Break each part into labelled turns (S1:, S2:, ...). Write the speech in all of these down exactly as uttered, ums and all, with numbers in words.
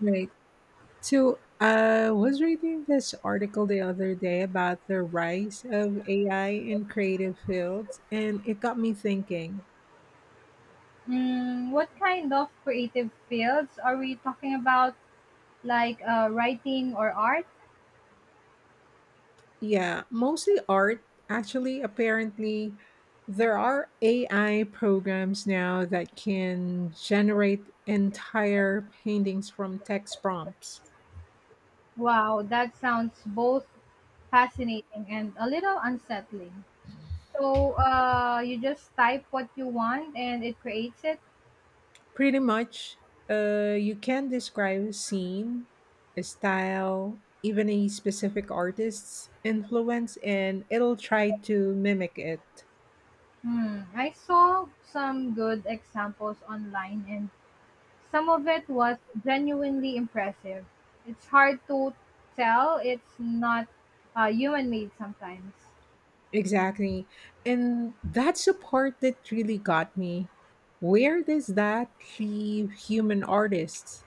S1: Right. So I was reading this article the other day about the rise of A I in creative fields, and it got me thinking.
S2: Mm, what kind of creative fields are we talking about? Like uh, writing or art?
S1: Yeah, mostly art. Actually, apparently, there are A I programs now that can generate entire paintings from text prompts.
S2: Wow, that sounds both fascinating and a little unsettling. So uh, you just type what you want and it creates it.
S1: Pretty much, uh, you can describe a scene, a style, even a specific artist's influence, and it'll try to mimic it.
S2: Hmm, I saw some good examples online and some of it was genuinely impressive. It's hard to tell, it's not uh, human made sometimes.
S1: Exactly. And that's the part that really got me. Where does that leave human artists?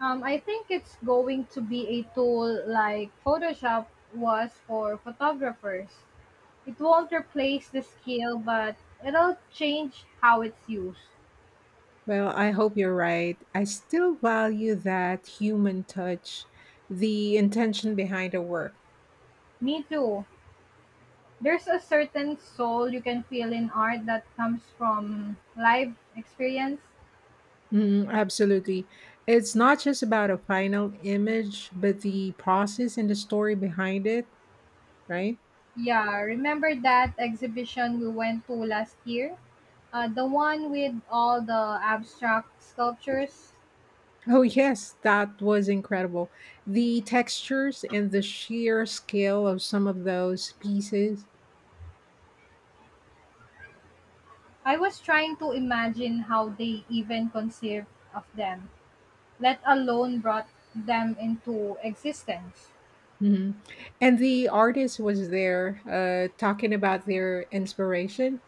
S2: Um, I think it's going to be a tool like Photoshop was for photographers. It won't replace the skill, but it'll change how it's used.
S1: Well, I hope you're right. I still value that human touch, the intention behind the work.
S2: Me too. There's a certain soul you can feel in art that comes from live experience.
S1: Mm, absolutely. It's not just about a final image, but the process and the story behind it, right?
S2: Yeah, remember that exhibition we went to last year? Uh, the one with all the abstract sculptures?
S1: Oh, yes, that was incredible. The textures and the sheer scale of some of those pieces.
S2: I was trying to imagine how they even conceived of them, let alone brought them into existence.
S1: Mhm. And the artist was there uh, talking about their inspiration.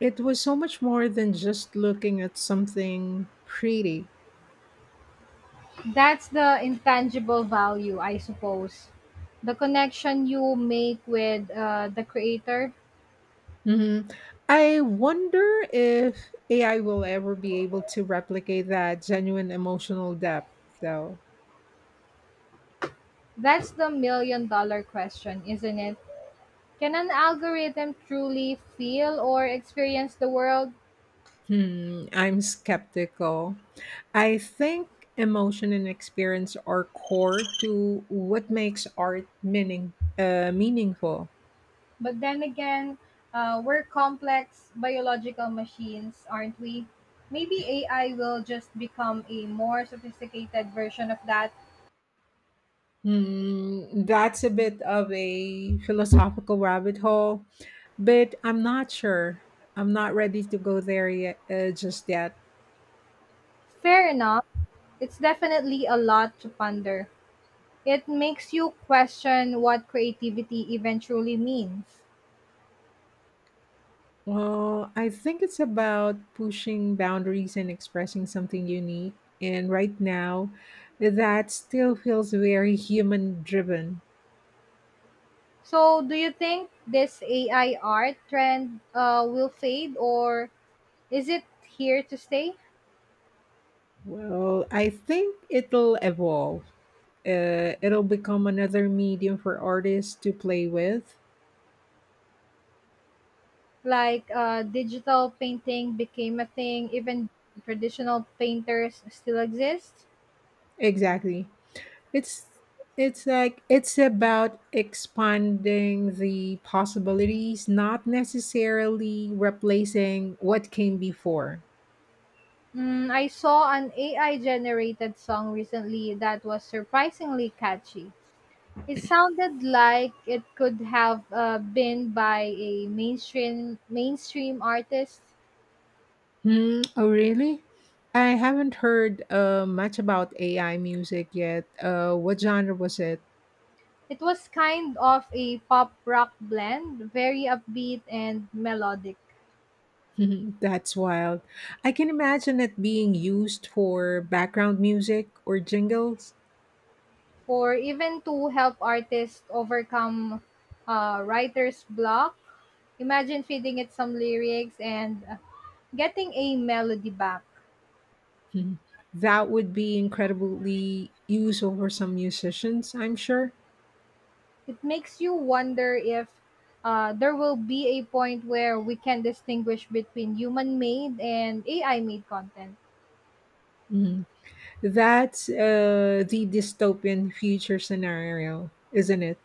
S1: It was so much more than just looking at something pretty.
S2: That's the intangible value, I suppose. The connection you make with uh, the creator.
S1: hmm I wonder if A I will ever be able to replicate that genuine emotional depth, though.
S2: That's the million dollar question, isn't it? Can an algorithm truly feel or experience the world?
S1: Hmm, I'm skeptical. I think emotion and experience are core to what makes art meaning uh, meaningful.
S2: But then again, uh, we're complex biological machines, aren't we? Maybe A I will just become a more sophisticated version of that.
S1: Hmm, that's a bit of a philosophical rabbit hole, but I'm not sure. I'm not ready to go there yet, uh, just yet.
S2: Fair enough. It's definitely a lot to ponder. It makes you question what creativity even truly means.
S1: Well, I think it's about pushing boundaries and expressing something unique. And right now, that still feels very human driven.
S2: So, do you think this A I art trend uh, will fade or is it here to stay?
S1: Well, I think it'll evolve. Uh, it'll become another medium for artists to play with.
S2: Like uh, digital painting became a thing, even traditional painters still exist.
S1: Exactly. It's it's like it's about expanding the possibilities, not necessarily replacing what came before.
S2: Mm, I saw an A I generated song recently that was surprisingly catchy. It sounded like it could have uh, been by a mainstream mainstream artist.
S1: Hmm. Oh, really? I haven't heard uh, much about A I music yet. Uh, what genre was it?
S2: It was kind of a pop rock blend, very upbeat and melodic,
S1: That's wild. I can imagine it being used for background music or jingles.
S2: or even to help artists overcome uh, writer's block. Imagine feeding it some lyrics and uh, getting a melody back.
S1: Mhm. That would be incredibly useful for some musicians, I'm sure.
S2: It makes you wonder if uh, there will be a point where we can distinguish between human made and A I made content.
S1: That's uh, the dystopian future scenario, isn't it?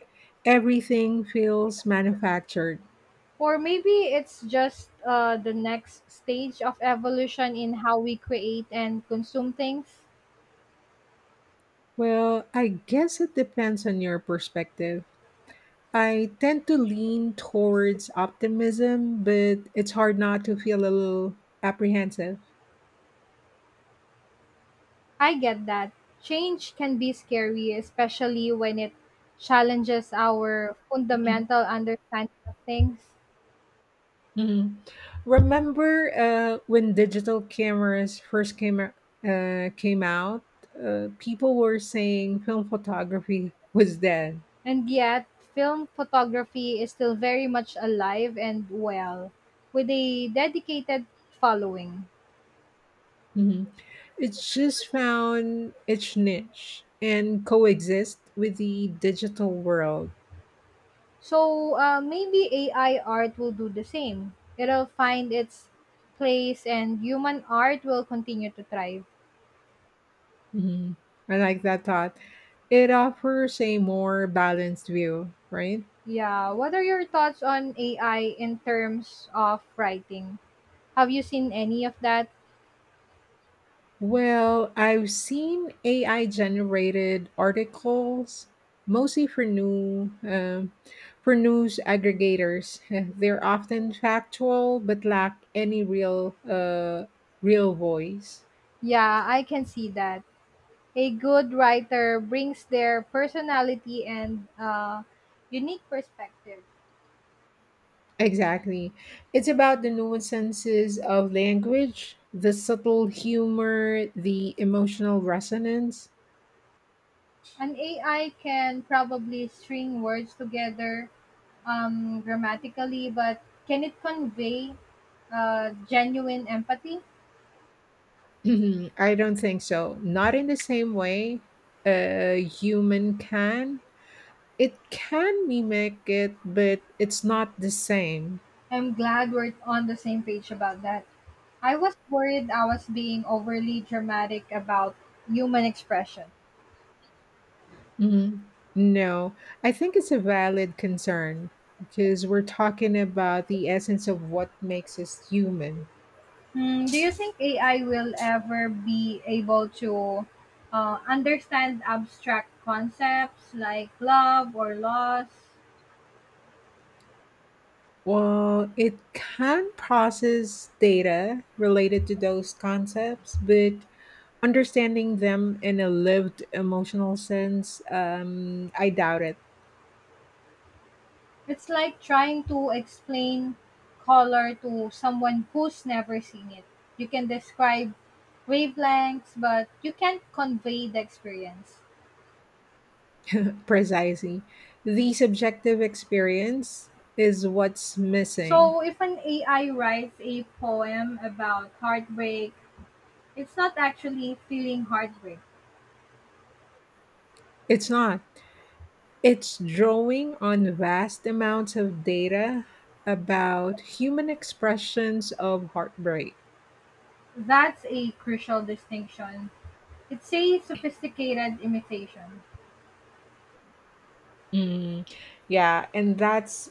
S1: Everything feels manufactured.
S2: Or maybe it's just uh, the next stage of evolution in how we create and consume things.
S1: Well, I guess it depends on your perspective. I tend to lean towards optimism, but it's hard not to feel a little apprehensive.
S2: I get that. Change can be scary, especially when it challenges our fundamental understanding of things.
S1: Mhm. Remember uh, when digital cameras first came o- uh, came out? Uh, people were saying film photography was dead.
S2: And yet, film photography is still very much alive and well, with a dedicated following.
S1: Mhm. It's just found its niche and coexist with the digital world.
S2: So uh, maybe A I art will do the same. It'll find its place and human art will continue to thrive.
S1: Mhm. I like that thought. It offers a more balanced view, right?
S2: Yeah, what are your thoughts on A I in terms of writing? Have you seen any of that?
S1: Well, I've seen A I generated articles mostly for new um, for news aggregators. They're often factual but lack any real uh, real voice.
S2: Yeah, I can see that. A good writer brings their personality and uh, unique perspective.
S1: Exactly. It's about the nuances of language, the subtle humor, the emotional resonance.
S2: An A I can probably string words together um, grammatically, but can it convey uh, genuine empathy?
S1: I don't think so. Not in the same way a human can. It can mimic it, but it's not the same.
S2: I'm glad we're on the same page about that. I was worried I was being overly dramatic about human expression.
S1: Mhm. No, I think it's a valid concern because we're talking about the essence of what makes us human.
S2: Hmm, do you think A I will ever be able to uh, understand abstract concepts like love or loss?
S1: Well, it can process data related to those concepts, but understanding them in a lived emotional sense, um, I doubt it.
S2: It's like trying to explain color to someone who's never seen it. You can describe wavelengths, but you can't convey the experience.
S1: Precisely. The subjective experience is what's missing.
S2: So, if an A I writes a poem about heartbreak, it's not actually feeling heartbreak.
S1: It's not. It's drawing on vast amounts of data about human expressions of heartbreak.
S2: That's a crucial distinction. It's a sophisticated imitation.
S1: Mm, yeah, and that's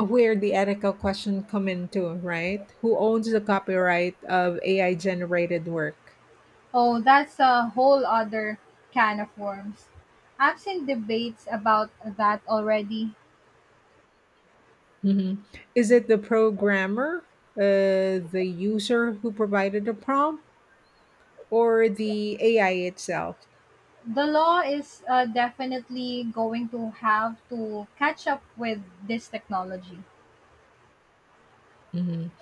S1: where the ethical question come into, right? Who owns the copyright of A I generated work?
S2: Oh, that's a whole other can of worms. I've seen debates about that already.
S1: Mhm. Is it the programmer, uh, the user who provided the prompt, or the A I itself?
S2: The law is uh, definitely going to have to catch up with this technology.
S1: Mhm.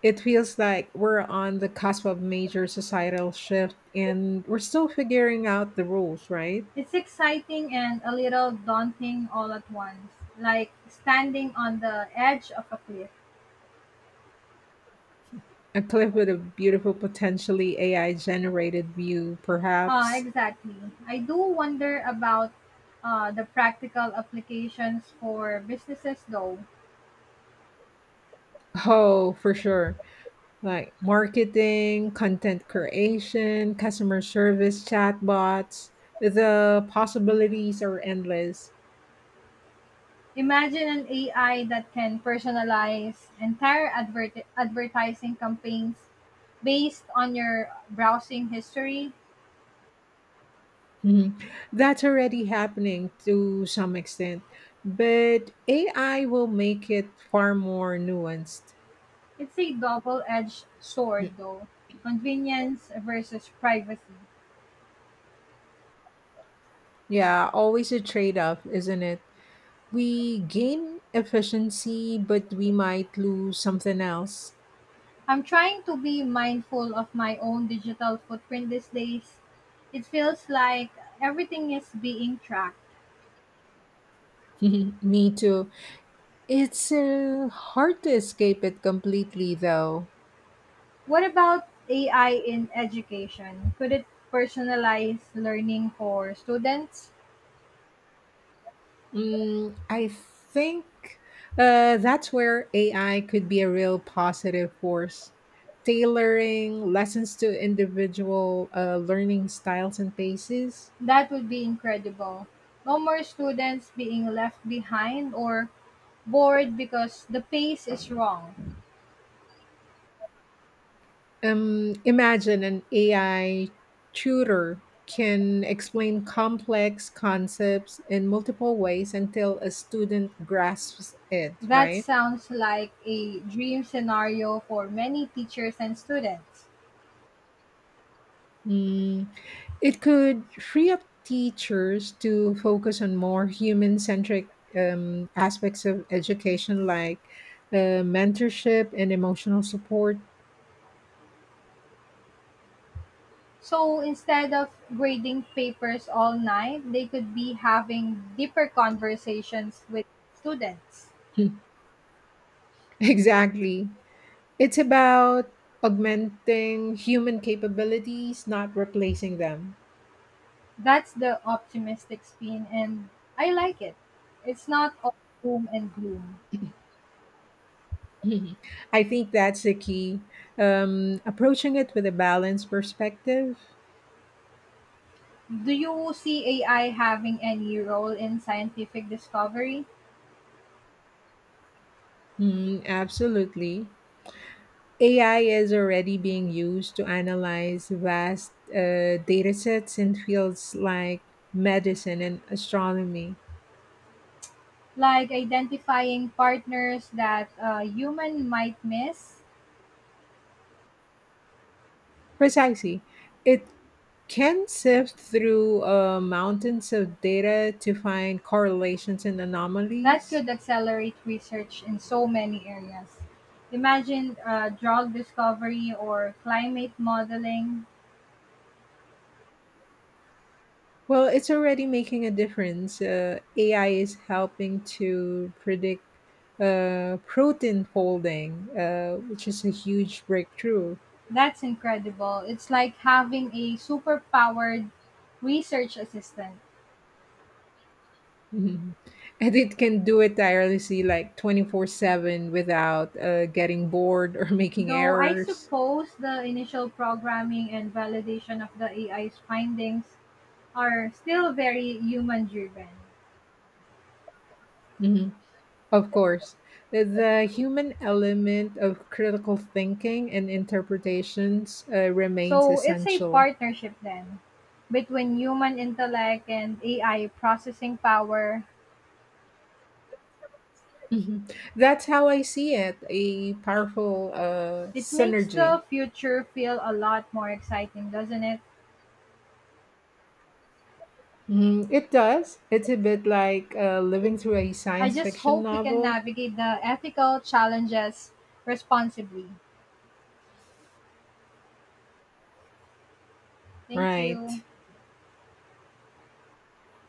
S1: It feels like we're on the cusp of major societal shift and we're still figuring out the rules, right?
S2: It's exciting and a little daunting all at once, like standing on the edge of a cliff.
S1: A cliff with a beautiful, potentially A I generated view,
S2: Ah,
S1: perhaps.
S2: exactly. I do wonder about uh, the practical applications for businesses, though.
S1: Oh, for sure, like marketing, content creation, customer service, chatbots. The possibilities are endless.
S2: Imagine an A I that can personalize entire advert- advertising campaigns based on your browsing history.
S1: Mhm. That's already happening to some extent, but A I will make it far more nuanced.
S2: It's a double-edged sword, though. Convenience versus privacy.
S1: Yeah, always a trade off, isn't it? We gain efficiency, but we might lose something else.
S2: I'm trying to be mindful of my own digital footprint these days. It feels like everything is being tracked.
S1: Me too. It's uh, hard to escape it completely, though.
S2: What about A I in education? Could it personalize learning for students?
S1: Mm, I think uh, that's where A I could be a real positive force, tailoring lessons to individual uh, learning styles and paces.
S2: That would be incredible. No more students being left behind or bored because the pace is wrong.
S1: Um, imagine an A I tutor can explain complex concepts in multiple ways until a student grasps it,
S2: That
S1: right?
S2: sounds like a dream scenario for many teachers and students.
S1: Mm, it could free up teachers to focus on more human centric um, aspects of education like uh, mentorship and emotional support.
S2: So instead of grading papers all night, they could be having deeper conversations with students.
S1: Exactly. It's about augmenting human capabilities, not replacing them.
S2: That's the optimistic spin, and I like it. It's not all doom and gloom.
S1: Mhm. I think that's the key. Um, approaching it with a balanced perspective.
S2: Do you see A I having any role in scientific discovery,
S1: Mm, absolutely. A I is already being used to analyze vast uh, data sets in fields like medicine and astronomy.
S2: like identifying partners that a human might miss?
S1: Precisely. It can sift through uh, mountains of data to find correlations and
S2: That
S1: anomalies.
S2: could accelerate research in so many areas. Imagine uh, drug discovery or climate modeling.
S1: Well, it's already making a difference. Uh, A I is helping to predict uh, protein folding, uh, which is a huge breakthrough.
S2: That's incredible. It's like having a superpowered research assistant.
S1: Mhm. And it can do it tirelessly, like twenty-four seven, without uh, getting bored or making
S2: Though I
S1: errors.
S2: suppose the initial programming and validation of the A I's findings are still very human driven.
S1: Mhm. Of course, the the human element of critical thinking and interpretations uh, remains
S2: So it's a
S1: essential.
S2: partnership then between human intellect and A I processing power.
S1: Mhm. That's how I see it, a powerful uh,
S2: It makes
S1: synergy.
S2: the future feel a lot more exciting, doesn't it?
S1: Mhm. It does. It's a bit like uh, living through a
S2: I
S1: science
S2: just
S1: fiction
S2: hope we can
S1: novel.
S2: navigate the ethical challenges responsibly. Thank you.
S1: Right.